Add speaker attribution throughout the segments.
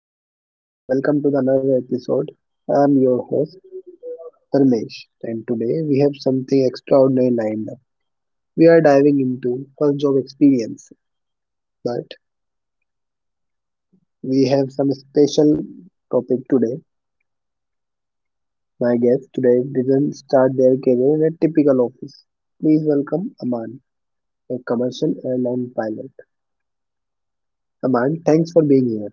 Speaker 1: Hello everyone and welcome to the another episode. I'm your host Dharmesh, and today we have something extraordinary lined up. We are diving into first job experience, but we have some special topic today. My guest today didn't start their career in a typical office. Please welcome Aman, a commercial airline pilot. Aman, thanks for being here.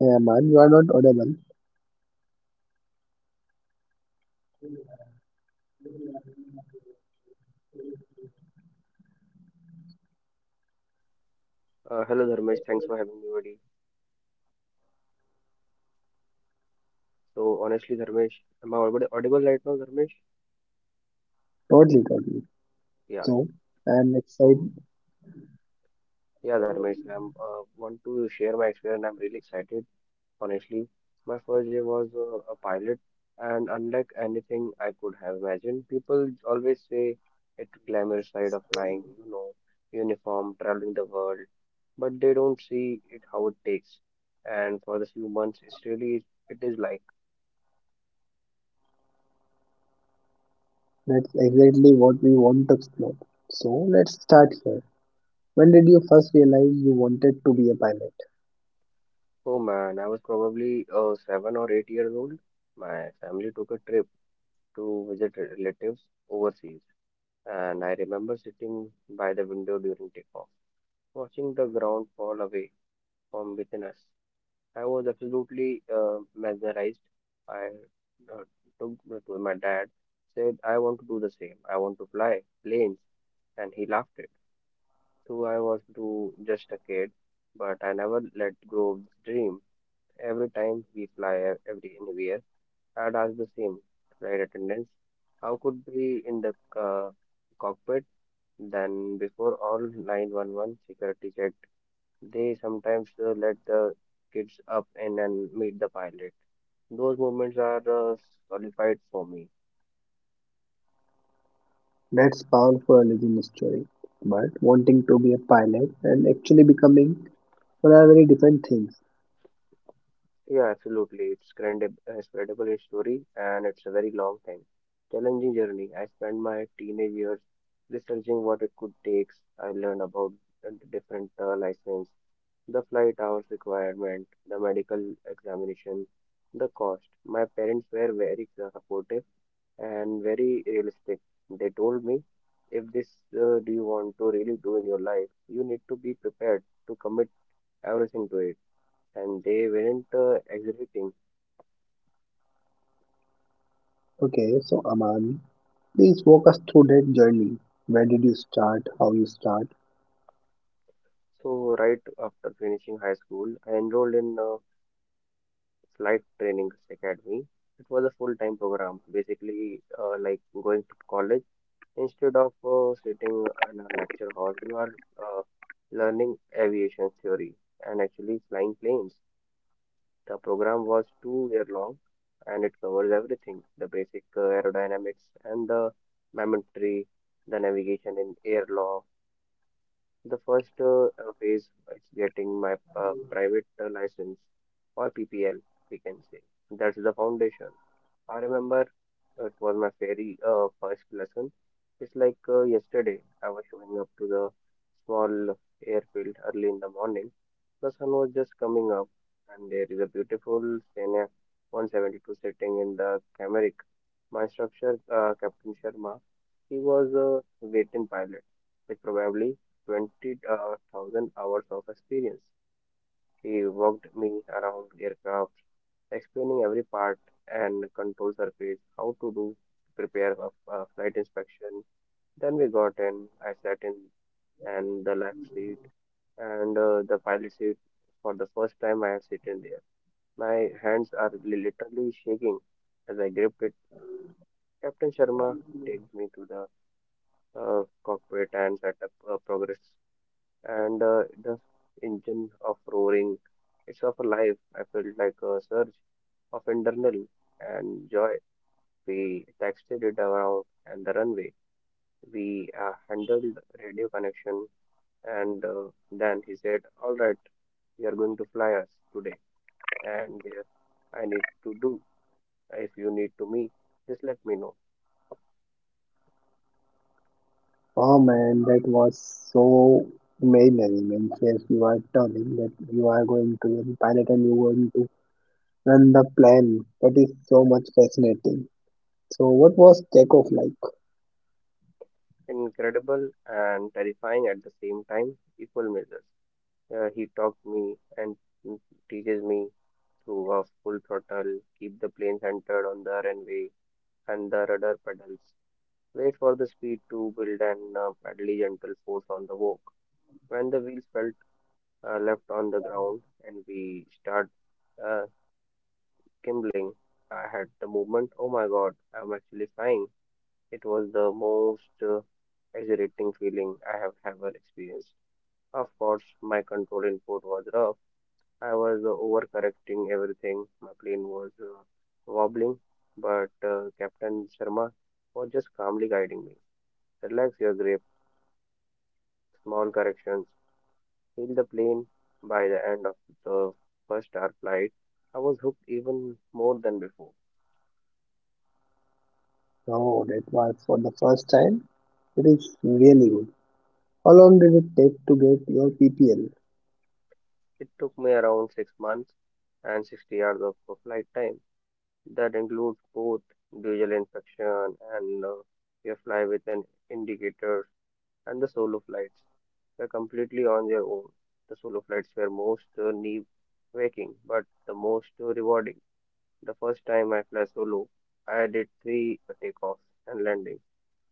Speaker 1: Hey Aman, you are not audible.
Speaker 2: Hello Dharmesh, thanks for having me, buddy. So honestly, Dharmesh, am I audible right now, Dharmesh?
Speaker 1: Totally, totally.
Speaker 2: Yeah, yeah.
Speaker 1: So I am
Speaker 2: So
Speaker 1: excited.
Speaker 2: yeah, Dharmesh, I'm want to share my experience. I'm really excited, honestly. My first day was a pilot, and unlike anything I could have imagined, people always say it glamorous side of flying, uniform, traveling the world, but they don't see it how it takes. And for the few months, it's really it is like.
Speaker 1: That's exactly what we want to explore. So let's start here. When did you first realize you wanted to be a pilot?
Speaker 2: Oh man, I was probably 7 or 8 years old. My family took a trip to visit relatives overseas, and I remember sitting by the window during takeoff, watching the ground fall away from within us. I was absolutely mesmerized. I uh, took to my dad, said, I want to do the same. I want to fly planes, and he laughed it. So I was too just a kid, but I never let go of this dream. Every time we every anywhere, I'd ask the same flight attendants, how could we in the cockpit? Then before all 911 security checked, they sometimes let the kids up and then meet the pilot. Those moments are uh, solidified for me.
Speaker 1: That's powerful origin story. But wanting to be a pilot and actually becoming one are very different things.
Speaker 2: Yeah, absolutely. It's incredible, incredible story, and it's a very long time. Challenging journey. I spent my teenage years researching what it could take. I learned about the different license, the flight hours requirement, the medical examination, the cost. My parents were very supportive and very realistic. They told me, if this do you want to really do in your life, you need to be prepared to commit everything to it. And they weren't exaggerating.
Speaker 1: Okay, so Aman, please walk us through that journey. Where did you start? How you start?
Speaker 2: So, right after finishing high school, I enrolled in a flight training academy. It was a full-time program, basically like going to college. Instead of sitting in a lecture hall, you are learning aviation theory and actually flying planes. The program was 2 year long, and it covers everything: the basic aerodynamics and the momentary, the navigation in air law. The first phase is getting my private license, or PPL, we can say. That's the foundation. I remember it was my very first lesson. It's like yesterday, I was showing up to the small airfield early in the morning. The sun was just coming up, and there is a beautiful Scenia 172 sitting in the camera. My instructor, Captain Sharma, he was a veteran pilot with probably 20,000 hours of experience. He walked me around aircraft, explaining every part and control surface, how to do prepare a flight inspection. Then we got in. I sat in and the left seat and the pilot seat. For the first time, I have sitting there. My hands are literally shaking as I gripped it. Captain Sharma takes me to the cockpit and setup progress and the engine of roaring. It's of a life. I felt like a surge of internal and joy. We texted it around and the runway. We handled radio connection and then he said, "All right, you are going to fly us today." And there, I need to do. If you need to me, just let me know.
Speaker 1: Oh man, that was so imaginary. Man, yes, you are telling that you are going to be a pilot and you are going to run the plane. That is so much fascinating. So what was takeoff like?
Speaker 2: Incredible and terrifying at the same time, equal measures. He talks me and teaches me through a full throttle, keep the plane centered on the runway and the rudder pedals. Wait for the speed to build and pedally gentle force on the walk. When the wheels felt left on the ground and we start uh, gimbling, I had the movement, oh my god, I'm actually flying. It was the most exhilarating feeling I have ever experienced. Of course, my control input was rough. I was overcorrecting everything. My plane was wobbling, but Captain Sharma was just calmly guiding me. Relax your grip, small corrections, feel the plane. By the end of the first hour flight, I was hooked even more than before.
Speaker 1: Oh, that was for the first time. It is really good. How long did it take to get your PPL?
Speaker 2: It took me around 6 months and 60 hours of flight time. That includes both visual inspection and you fly with an indicator, and the solo flights were completely on their own. The solo flights were most knee waking, but the most rewarding. The first time I flew solo, I did three takeoffs and landings,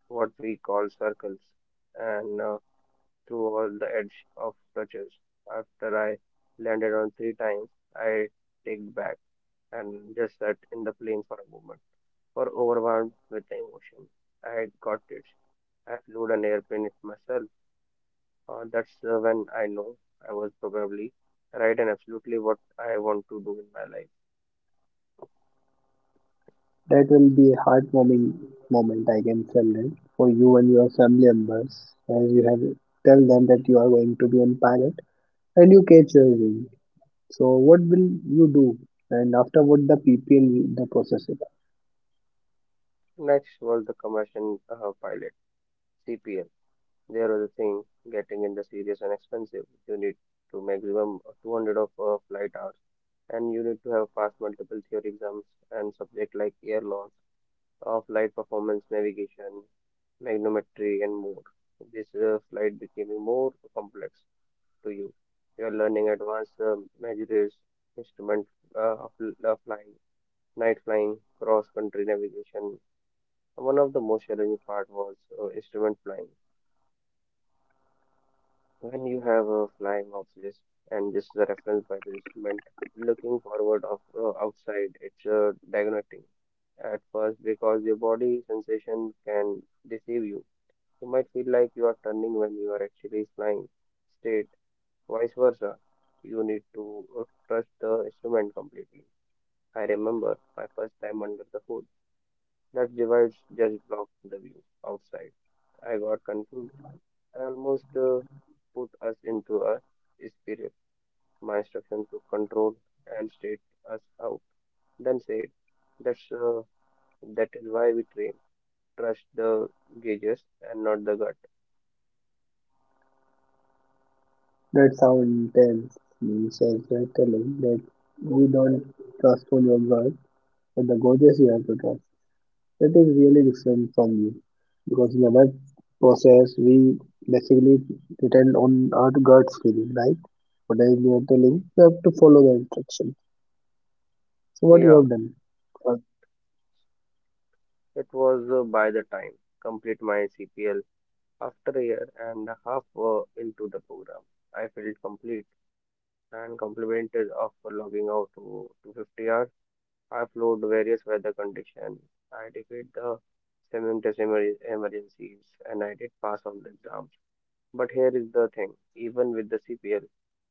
Speaker 2: what we call circles, and through all the edge of touches. After I landed on three times, I take back and just sat in the plane for a moment, for overwhelmed with the emotion. I had got it. I flew an airplane myself, that's when I know I was probably right and absolutely what I want to do in my life.
Speaker 1: That will be a heartwarming moment, I can tell it, for you and your family members, as you have tell them that you are going to be on pilot and you catch your wing. So what will you do? And after what the PPL, the process is.
Speaker 2: Next was the commercial pilot, CPL. There was a thing getting in the serious and expensive. You need to maximum 200 of flight hours, and you need to have passed multiple theory exams and subject like air laws, flight performance, navigation, magnometry and more. This flight became more complex to you. You're learning advanced measures, instrument uh, of, of flying, night flying, cross-country navigation. One of the most challenging part was instrument flying. When you have a flying ops list and this is a reference by the instrument, looking forward of outside, it's diagnosing at first because your body sensation can deceive you. You might feel like you are turning when you are actually flying straight. Vice versa, you need to trust the instrument completely. I remember my first time under the hood. That device just blocked the view outside. I got confused. I almost put us into a spirit. My instruction to control and state us out. Then said, "That's uh, that is why we train. Trust the gauges and not the gut."
Speaker 1: That's how intense means as they're telling that we don't trust on your word, but the goddess you have to trust. It is really different from you because in the web process we basically depend on our gut feeling, right? Whatever you are telling, you have to follow the instruction. So what you
Speaker 2: Yeah,
Speaker 1: have done? First,
Speaker 2: it was by the time complete my CPL. After a year and a half into the program, I felt complete and complimented after logging out to 50 hours. I flowed various weather conditions. I defeated the emergencies, and I did pass all the exams. But here is the thing, even with the CPL,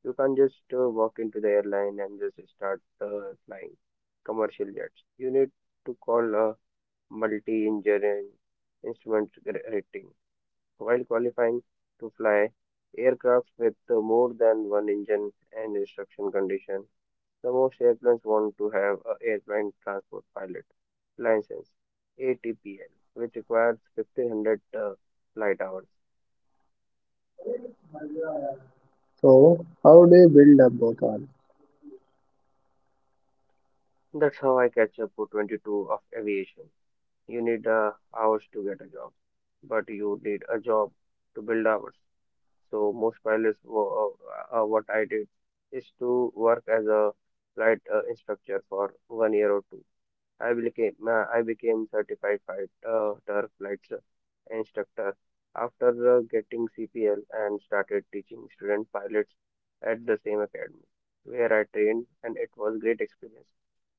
Speaker 2: you can't just walk into the airline and just start flying commercial jets. You need to call a multi-engineering instrument rating while qualifying to fly aircraft with more than one engine and instruction condition. The most airplanes want to have a airline transport pilot license (ATPL), which requires 1500 flight hours.
Speaker 1: so how do you build up both are?
Speaker 2: That's how I catch up to 22 of aviation. You need hours to get a job, but you need a job to build hours. So most what I did is to work as a flight instructor for 1 year or two. I became certified flight turf flight instructor after getting CPL and started teaching student pilots at the same academy where I trained, and it was great experience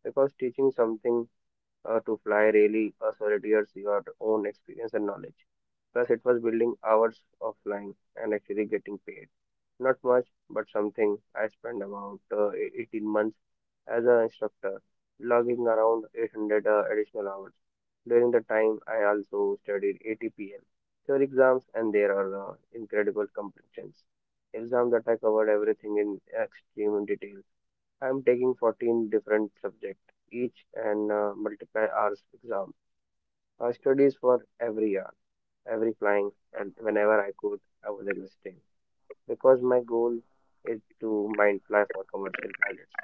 Speaker 2: because teaching something to fly really solitaires your own experience and knowledge. Plus, it was building hours of flying and actually getting paid. Not much, but something. I spent about 18 months as an instructor, logging around 800 additional hours. During the time, I also studied ATPL theory exams, and there are incredible competitions. Exam that I covered everything in extreme detail. I'm taking 14 different subjects each and multiply hours exam. I studies for every hour, every flying, and whenever I could, I was existing because my goal is to mind fly for commercial pilots.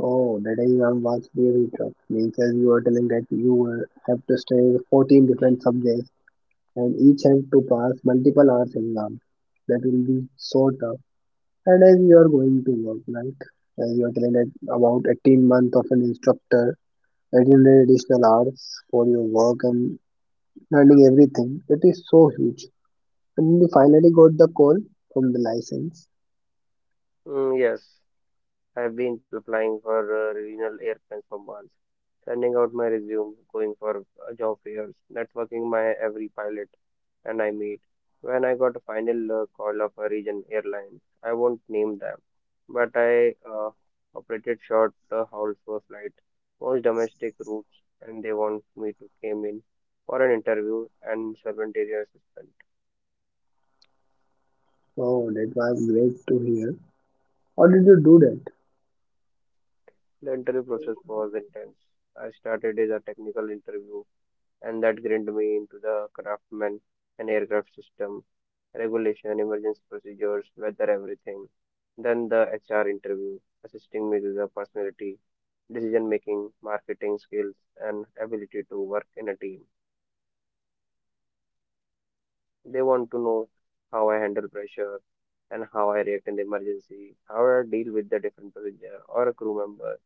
Speaker 1: Oh, that is one vast theory truck. Means as you are telling that you will have to study 14 different subjects and each have to pass multiple hours exam. That will be so tough. And as you are going to work like as you are trained that about 18 month of an instructor, 18 additional hours for your work and learning everything, that is so huge, and you finally got the call from the license.
Speaker 2: Mm, yes, I've been applying for regional air plans for months, sending out my resume, going for job fairs, networking my every pilot, and I meet. When I got a final call of a region airline, I won't name them, but I operated short hauls for flight, most domestic routes, and they want me to came in for an interview and 7 area assistant.
Speaker 1: Oh, that was great to hear. How did you do that?
Speaker 2: The interview process was intense. I started as a technical interview, and that grinded me into the craftsman and aircraft system, regulation, emergency procedures, weather, everything. Then the HR interview, assisting me with the personality, decision making, marketing skills, and ability to work in a team. They want to know how I handle pressure and how I react in the emergency, how I deal with the different passenger or a crew member.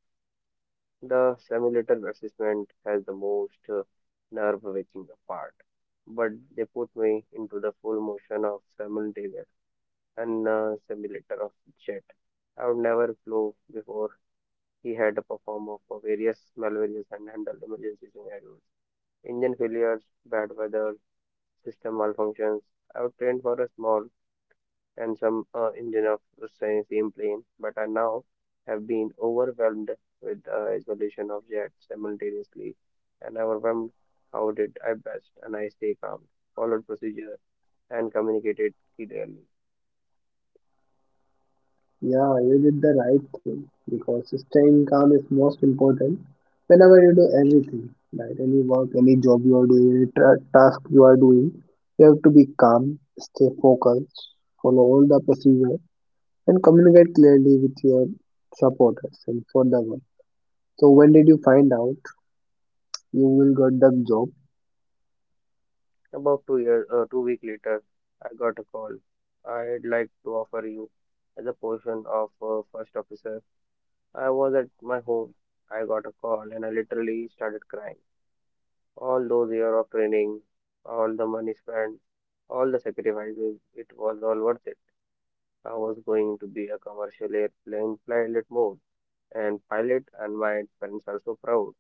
Speaker 2: The simulator assessment has the most nerve wracking part, but they put me into the full motion of simultaneous and simulator of jet. I would never flew before. He had to perform of for various malvaries and handle emergency scenarios, engine failures, bad weather, system malfunctions. I was trained for a small and some engine of the same plane, but I now have been overwhelmed with the isolation of jets simultaneously and overwhelmed. How did I best? And I stay calm, followed procedure, and communicated clearly.
Speaker 1: Yeah, you did the right thing because staying calm is most important whenever you do everything, right? Any work, any job you are doing, any task you are doing, you have to be calm, stay focused, follow all the procedure, and communicate clearly with your supporters and for the work. So, when did you find out you will get the job?
Speaker 2: About 2 year, 2 week later, I got a call. I'd like to offer you as a position of first officer. I was at my home. I got a call and I literally started crying. All those years of training, all the money spent, all the sacrifices, it was all worth it. I was going to be a commercial airplane pilot mode and pilot and my parents are so proud.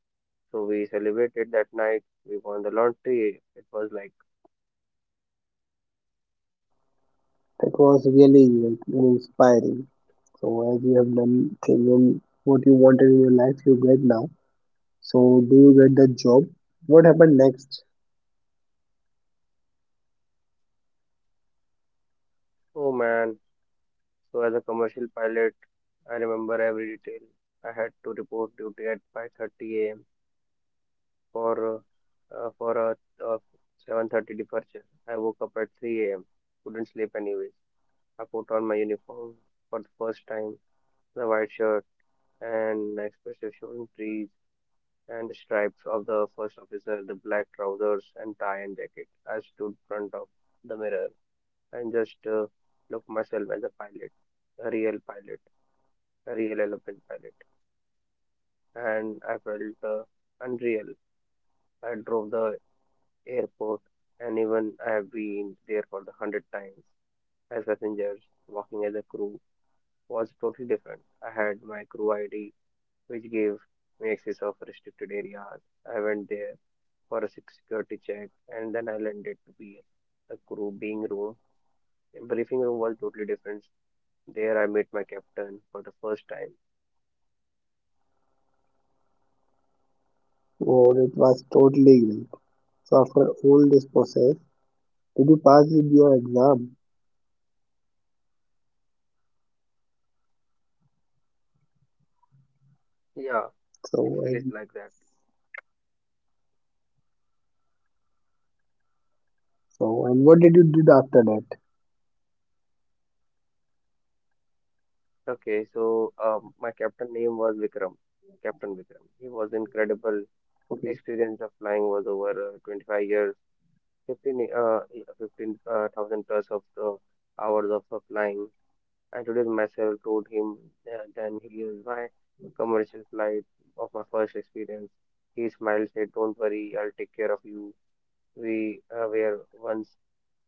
Speaker 2: So we celebrated that night. We won the lottery. It was like,
Speaker 1: That was really like, inspiring. So, as you have done thing and what you wanted in your life, you get now. So do you get the job? What happened next?
Speaker 2: oh man. So as a commercial pilot, I remember every detail. I had to report duty at 5:30 a.m. for uh, for a uh, 7:30 departure. I woke up at 3 a.m. Couldn't sleep anyways. I put on my uniform for the first time, the white shirt and expressive showing trees and stripes of the first officer, the black trousers and tie and jacket. I stood front of the mirror and just looked myself as a pilot, a real elephant pilot. And I felt unreal. I drove the airport and even I have been there for the hundred times as passengers, walking as a crew was totally different. I had my crew ID which gave me access of restricted areas. I went there for a security check, and then I landed to be a crew being room. The briefing room was totally different. There I met my captain for the first time.
Speaker 1: Oh, it was totally great. So after all this process, did you pass with your exam?
Speaker 2: Yeah, it
Speaker 1: So
Speaker 2: feels
Speaker 1: and
Speaker 2: like that.
Speaker 1: so and what did you did after that?
Speaker 2: Okay, so my captain name was Vikram. Captain Vikram. He was incredible.
Speaker 1: Okay.
Speaker 2: Experience of flying was over 25 years, 15 15,000 plus of hours of flying. I introduced myself, told him then he is my commercial flight of my first experience. He smiled, said, "Don't worry, I'll take care of you." We were once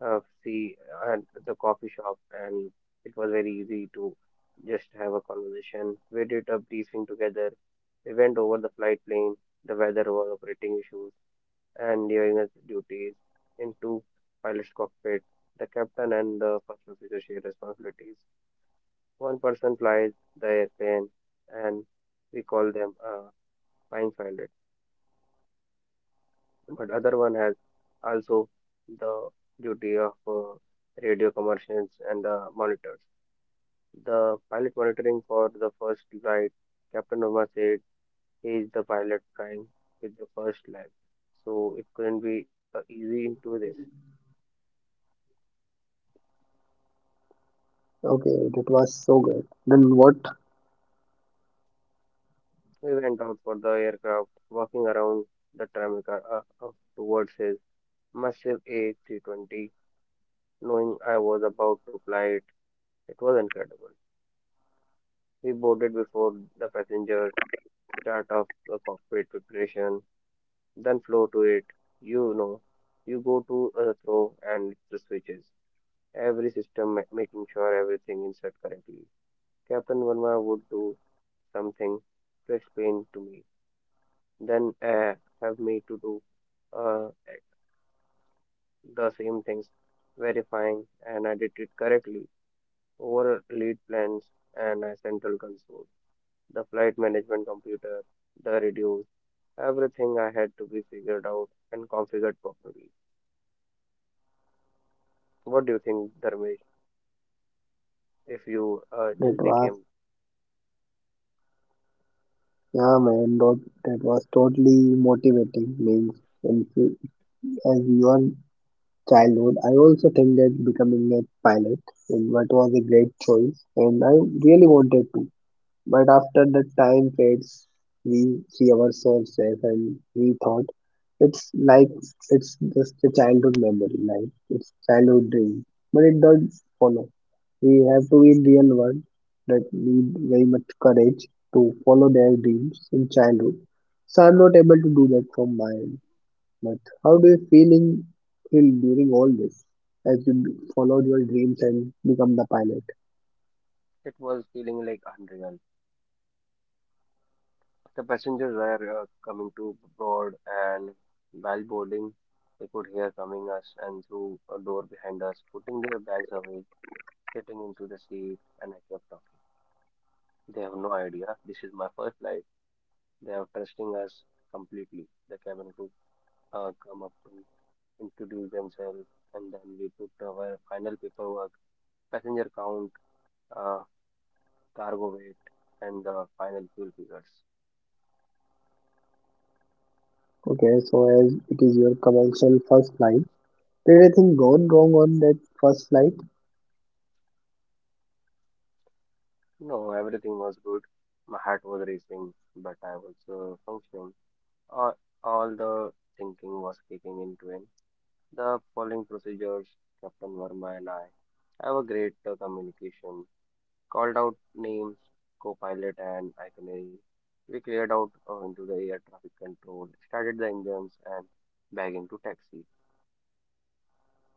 Speaker 2: see at the coffee shop, and it was very easy to just have a conversation. We did a briefing together. We went over the flight plan, the weather was operating issues, and during his duties into pilot's cockpit. The captain and the first officer share responsibilities. One person flies the airplane, and we call them a flying pilot. But other one has also the duty of radio commercials and the monitors. The pilot monitoring for the first flight, Captain Obama said he is the pilot flying with the first line. So it couldn't be easy into this.
Speaker 1: Okay, that was so good. Then what?
Speaker 2: We went out for the aircraft, walking around the terminal towards his massive A320 knowing I was about to fly it. It was incredible. We boarded before the passenger, start off the cockpit preparation, then flow to it. You know, you go to a throw and the switches. Every making sure everything is set correctly. Captain Verma would do something to explain to me, then have me to do uh, the same things, verifying and I did it correctly over lead plans and central console. The flight management computer, the radios, everything I had to be figured out and configured properly. What do you think, Dharmesh? If you
Speaker 1: That
Speaker 2: just
Speaker 1: was
Speaker 2: became,
Speaker 1: yeah man, that, was totally motivating means in as your childhood I also think that becoming a pilot and what was a great choice and I really wanted to. But after the time fades, we see ourselves as and we thought it's like it's just a childhood memory, like it's childhood dream. But it does follow. We have to be in real world that need very much courage to follow their dreams in childhood. So I'm not able to do that from my end. But how do you feel during all this as you followed your dreams and become the pilot?
Speaker 2: it was feeling like unreal. The passengers were coming to board, and while boarding, they could hear coming us and through a door behind us, putting their bags away, sitting into the seat, and I kept talking. They have no idea. This is my first flight. They are trusting us completely. The cabin crew come up to introduce themselves, and then we put our final paperwork, passenger count, uh, cargo weight, and the final fuel figures.
Speaker 1: Okay, so as it is your commercial first flight, did anything go wrong on that first flight?
Speaker 2: No, everything was good. My heart was racing, but I was functioning. All, all the thinking was kicking into in twin. The following procedures, Captain Verma and I have a great communication called out names, co-pilot and iconic. We cleared out into the air traffic control, started the engines and back into taxi.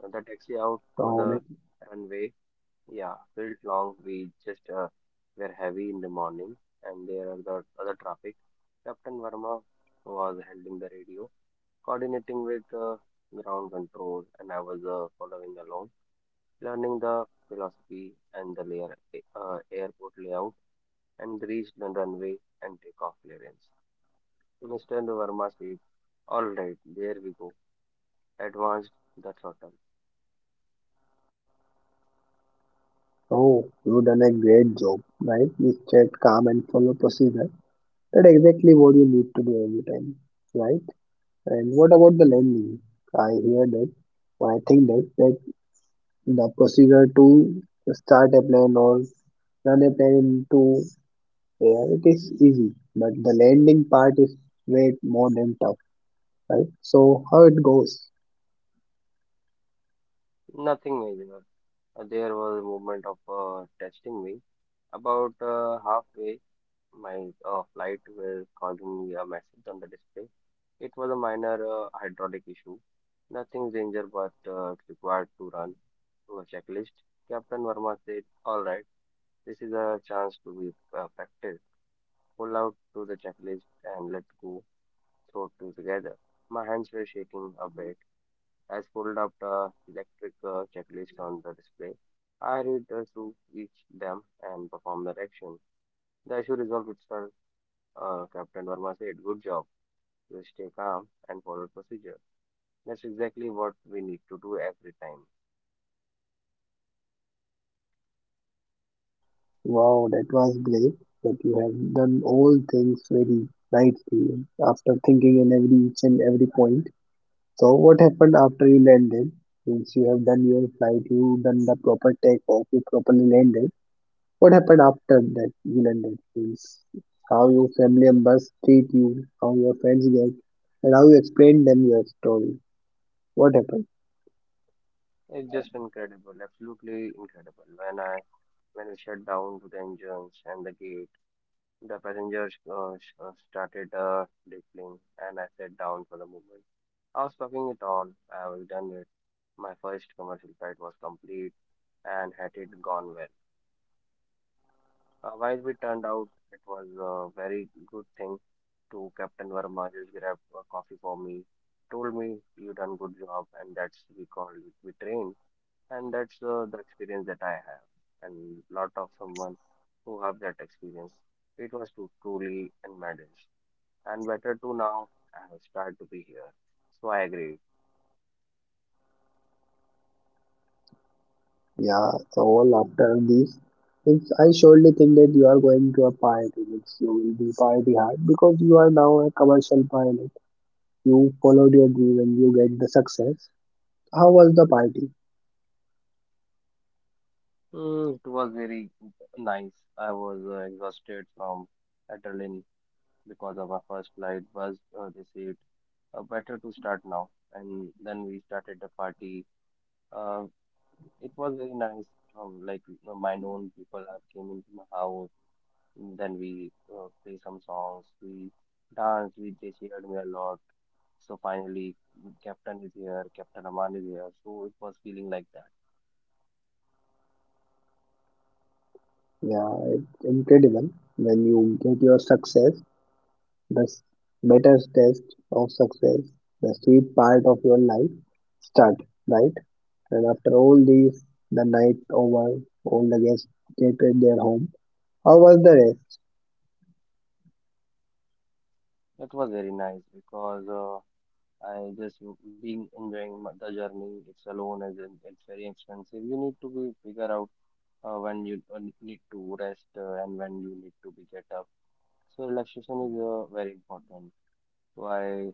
Speaker 2: The taxi out for
Speaker 1: Oh, that-
Speaker 2: the runway, yeah, felt long. We just were heavy in the morning and there are the other traffic. Captain Verma was handling the radio, coordinating with ground control and I was following along, learning the philosophy and the layer, airport layout and reached the runway and takeoff clearance. Mr. Verma said, "All right, there we go," advanced the throttle.
Speaker 1: oh, you done a great job, right? You stayed calm and follow procedure. That's exactly what you need to do every time, right? And what about the landing? I hear that. I think that, the procedure to start a plane or run a plane into air, it is easy, but the landing part is way more than tough, right? So how it goes?
Speaker 2: Nothing major. There was a movement of testing me. About halfway, my flight was causing me a message on the display. It was a minor hydraulic issue. Nothing danger, but it required to run to a checklist. Captain Verma said, "All right, this is a chance to be perfect. Pull out to the checklist and let go, throw two together." My hands were shaking a bit. As pulled up the electric checklist on the display, I read through each them and perform the action. The issue resolved itself. Captain Verma said, "Good job. You stay calm and follow procedure. That's exactly what we need to do every time."
Speaker 1: Wow, that was great. But you have done all things very rightly after thinking in every each and every point. So what happened after you landed? Since you have done your flight, you done the proper takeoff, you properly landed. What happened after that you landed? Means how your family members treat you, how your friends get, and how you explain them your story. What happened?
Speaker 2: It's just incredible, absolutely incredible. When we shut down to the engines and the gate, the passenger started rippling, and I sat down for a moment. I was talking it on. I was done with my first commercial flight was complete and had it gone well. While we turned out, it was a very good thing to Captain Verma just grabbed a coffee for me, told me you done good job, and that's we call it we train, and that's the experience that I have, and lot of someone who have that experience. It was to truly and matters and better too now. I was glad to be here. So I agree.
Speaker 1: Yeah, so all after these things. I surely think that you are going to a pioneer. Means you will be party hard because you are now a commercial pilot. You followed your dream and you get the success. How was the party?
Speaker 2: Mm, it was very nice. I was exhausted from adrenaline because of our first flight was this it. Better to start now. And then we started the party. Uh, it was very nice. Like my known people have came into my house. Then we play some songs, we danced, we they cheered me a lot. So finally, Captain is here, Captain Aman is here. So it was feeling like that.
Speaker 1: Yeah, it's incredible. When you get your success, the s- better test of success, the sweet part of your life start, right? And after all these, the night over, all the guests get in their home. How was the race?
Speaker 2: It was very nice because I just being enjoying the journey. It's alone and then it's very expensive. You need to be figure out when you need to rest and when you need to be get up. So relaxation is very important. So I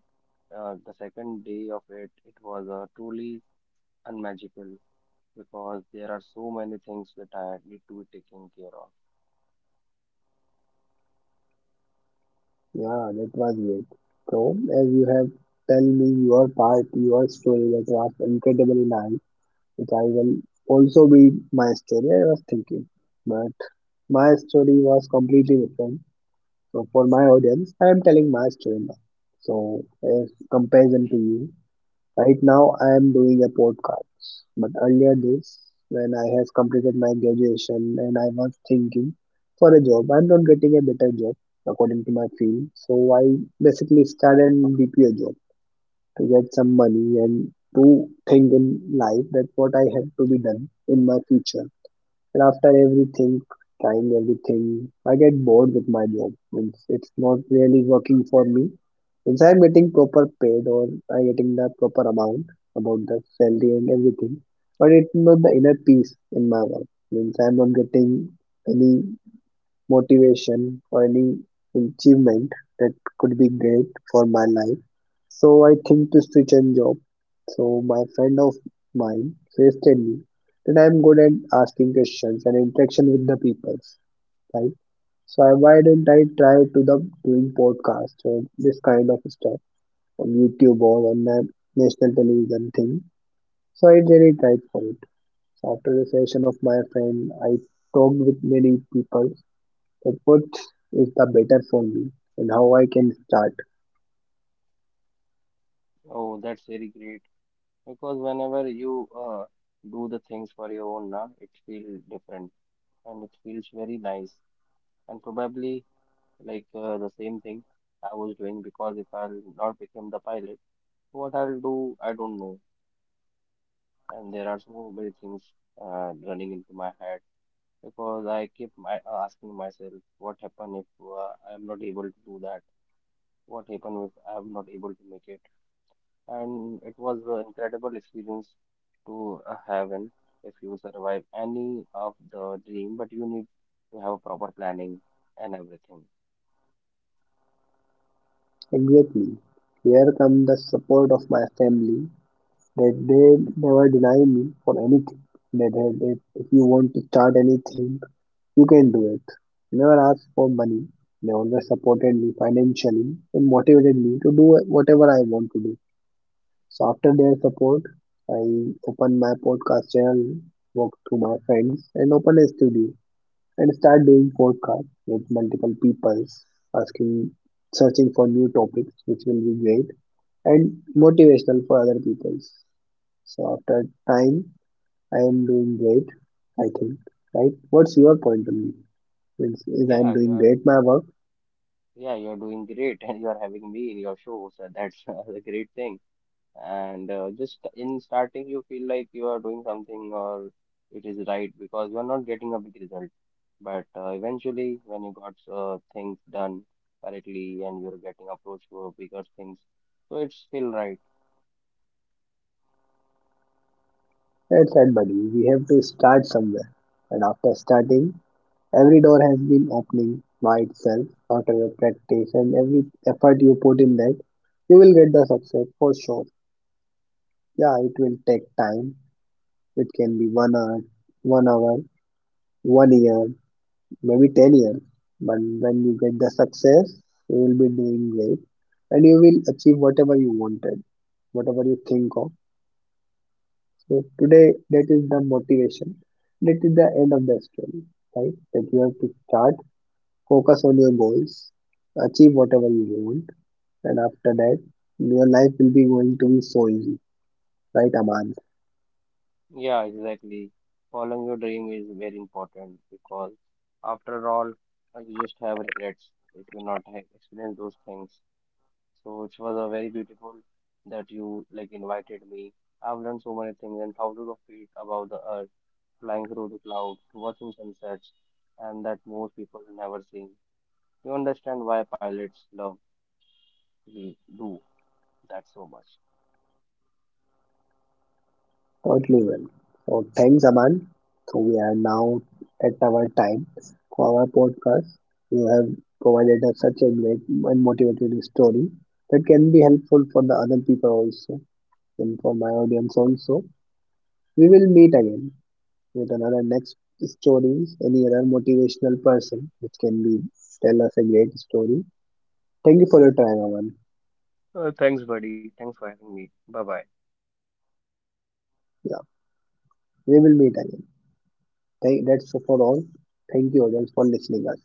Speaker 2: the second day of it, it was truly unmagical, because there are so many things that I need to be taken care of.
Speaker 1: Yeah, that was great. So, as you have tell me your part, your story that was incredibly nice, which I will also be my story. I was thinking, but my story was completely different. So, for my audience, I am telling my story now. So, as comparison to you, right now, I am doing a podcast, but earlier this, when I has completed my graduation and I was thinking for a job, I'm not getting a better job according to my field, so I basically started an BPO job to get some money and to think in life that what I have to be done in my future. And after everything, trying everything, I get bored with my job. Means it's not really working for me. Means I'm getting proper paid or I'm getting the proper amount about the salary and everything. But it's not the inner peace in my work. Means I'm not getting any motivation or any achievement that could be great for my life. So I think to switch and job. So my friend of mine suggested me that I'm good at asking questions and interaction with the people, right? So I, why didn't I try to the doing podcast or this kind of stuff on YouTube or on the national television thing? So I really tried for it. So after the session of my friend, I talked with many people that what is the better for me and how I can start.
Speaker 2: Oh, that's very great. Because whenever you do the things for your own, na, it feels different and it feels very nice. And probably like the same thing I was doing, because if I'll not become the pilot, what I'll do, I don't know. And there are so many things running into my head because I keep asking myself, what happen if I'm not able to do that? What happen if I'm not able to make it? And it was an incredible experience to have, and if you survive any of the dream but you need to have proper planning and everything.
Speaker 1: Exactly. Here comes the support of my family that they never deny me for anything. That, if you want to start anything, you can do it. Never ask for money. They always supported me financially and motivated me to do whatever I want to do. So after their support, I opened my podcast channel, walked to my friends, and opened a studio, and start doing podcast with multiple peoples, asking, searching for new topics which will be great and motivational for other peoples. So after time, I am doing great, I think, right? What's your point on this? Is I'm
Speaker 2: Yeah, you
Speaker 1: doing
Speaker 2: are,
Speaker 1: great my work?
Speaker 2: yeah, you are doing great and you are having me in your show, so that's a great thing. And just in starting you feel like you are doing something or it is right because you are not getting a big result, but eventually when you got things done correctly and you're getting approached to bigger things, so it's still right.
Speaker 1: That's right, buddy. We have to start somewhere, and after starting, every door has been opening by itself. After your practice and every effort you put in that, you will get the success for sure. Yeah, it will take time. It can be one hour, one hour, one year, maybe 10 years. But when you get the success, you will be doing great and you will achieve whatever you wanted, whatever you think of. So today, that is the motivation. That is the end of the story, right? That you have to start, focus on your goals, achieve whatever you want, and after that, your life will be going to be so easy, right, Aman?
Speaker 2: Yeah, exactly. Following your dream is very important because after all, you just have regrets if you not have experienced those things. So it was a very beautiful that you like invited me. I've learned so many things and thousands of feet above the earth, flying through the clouds, watching sunsets, and that most people never seen. You understand why pilots love we do that so much.
Speaker 1: Totally well. So thanks, Aman. So we are now at our time for our podcast. You have provided us such a great and motivated story that can be helpful for the other people also and for my audience also. We will meet again with another next stories, any other motivational person which can be tell us a great story. Thank you for your time, Aman.
Speaker 2: Thanks, buddy. Thanks for having me. Bye bye.
Speaker 1: Yeah, we will meet again. Thank, that's for all. Thank you audience for listening us.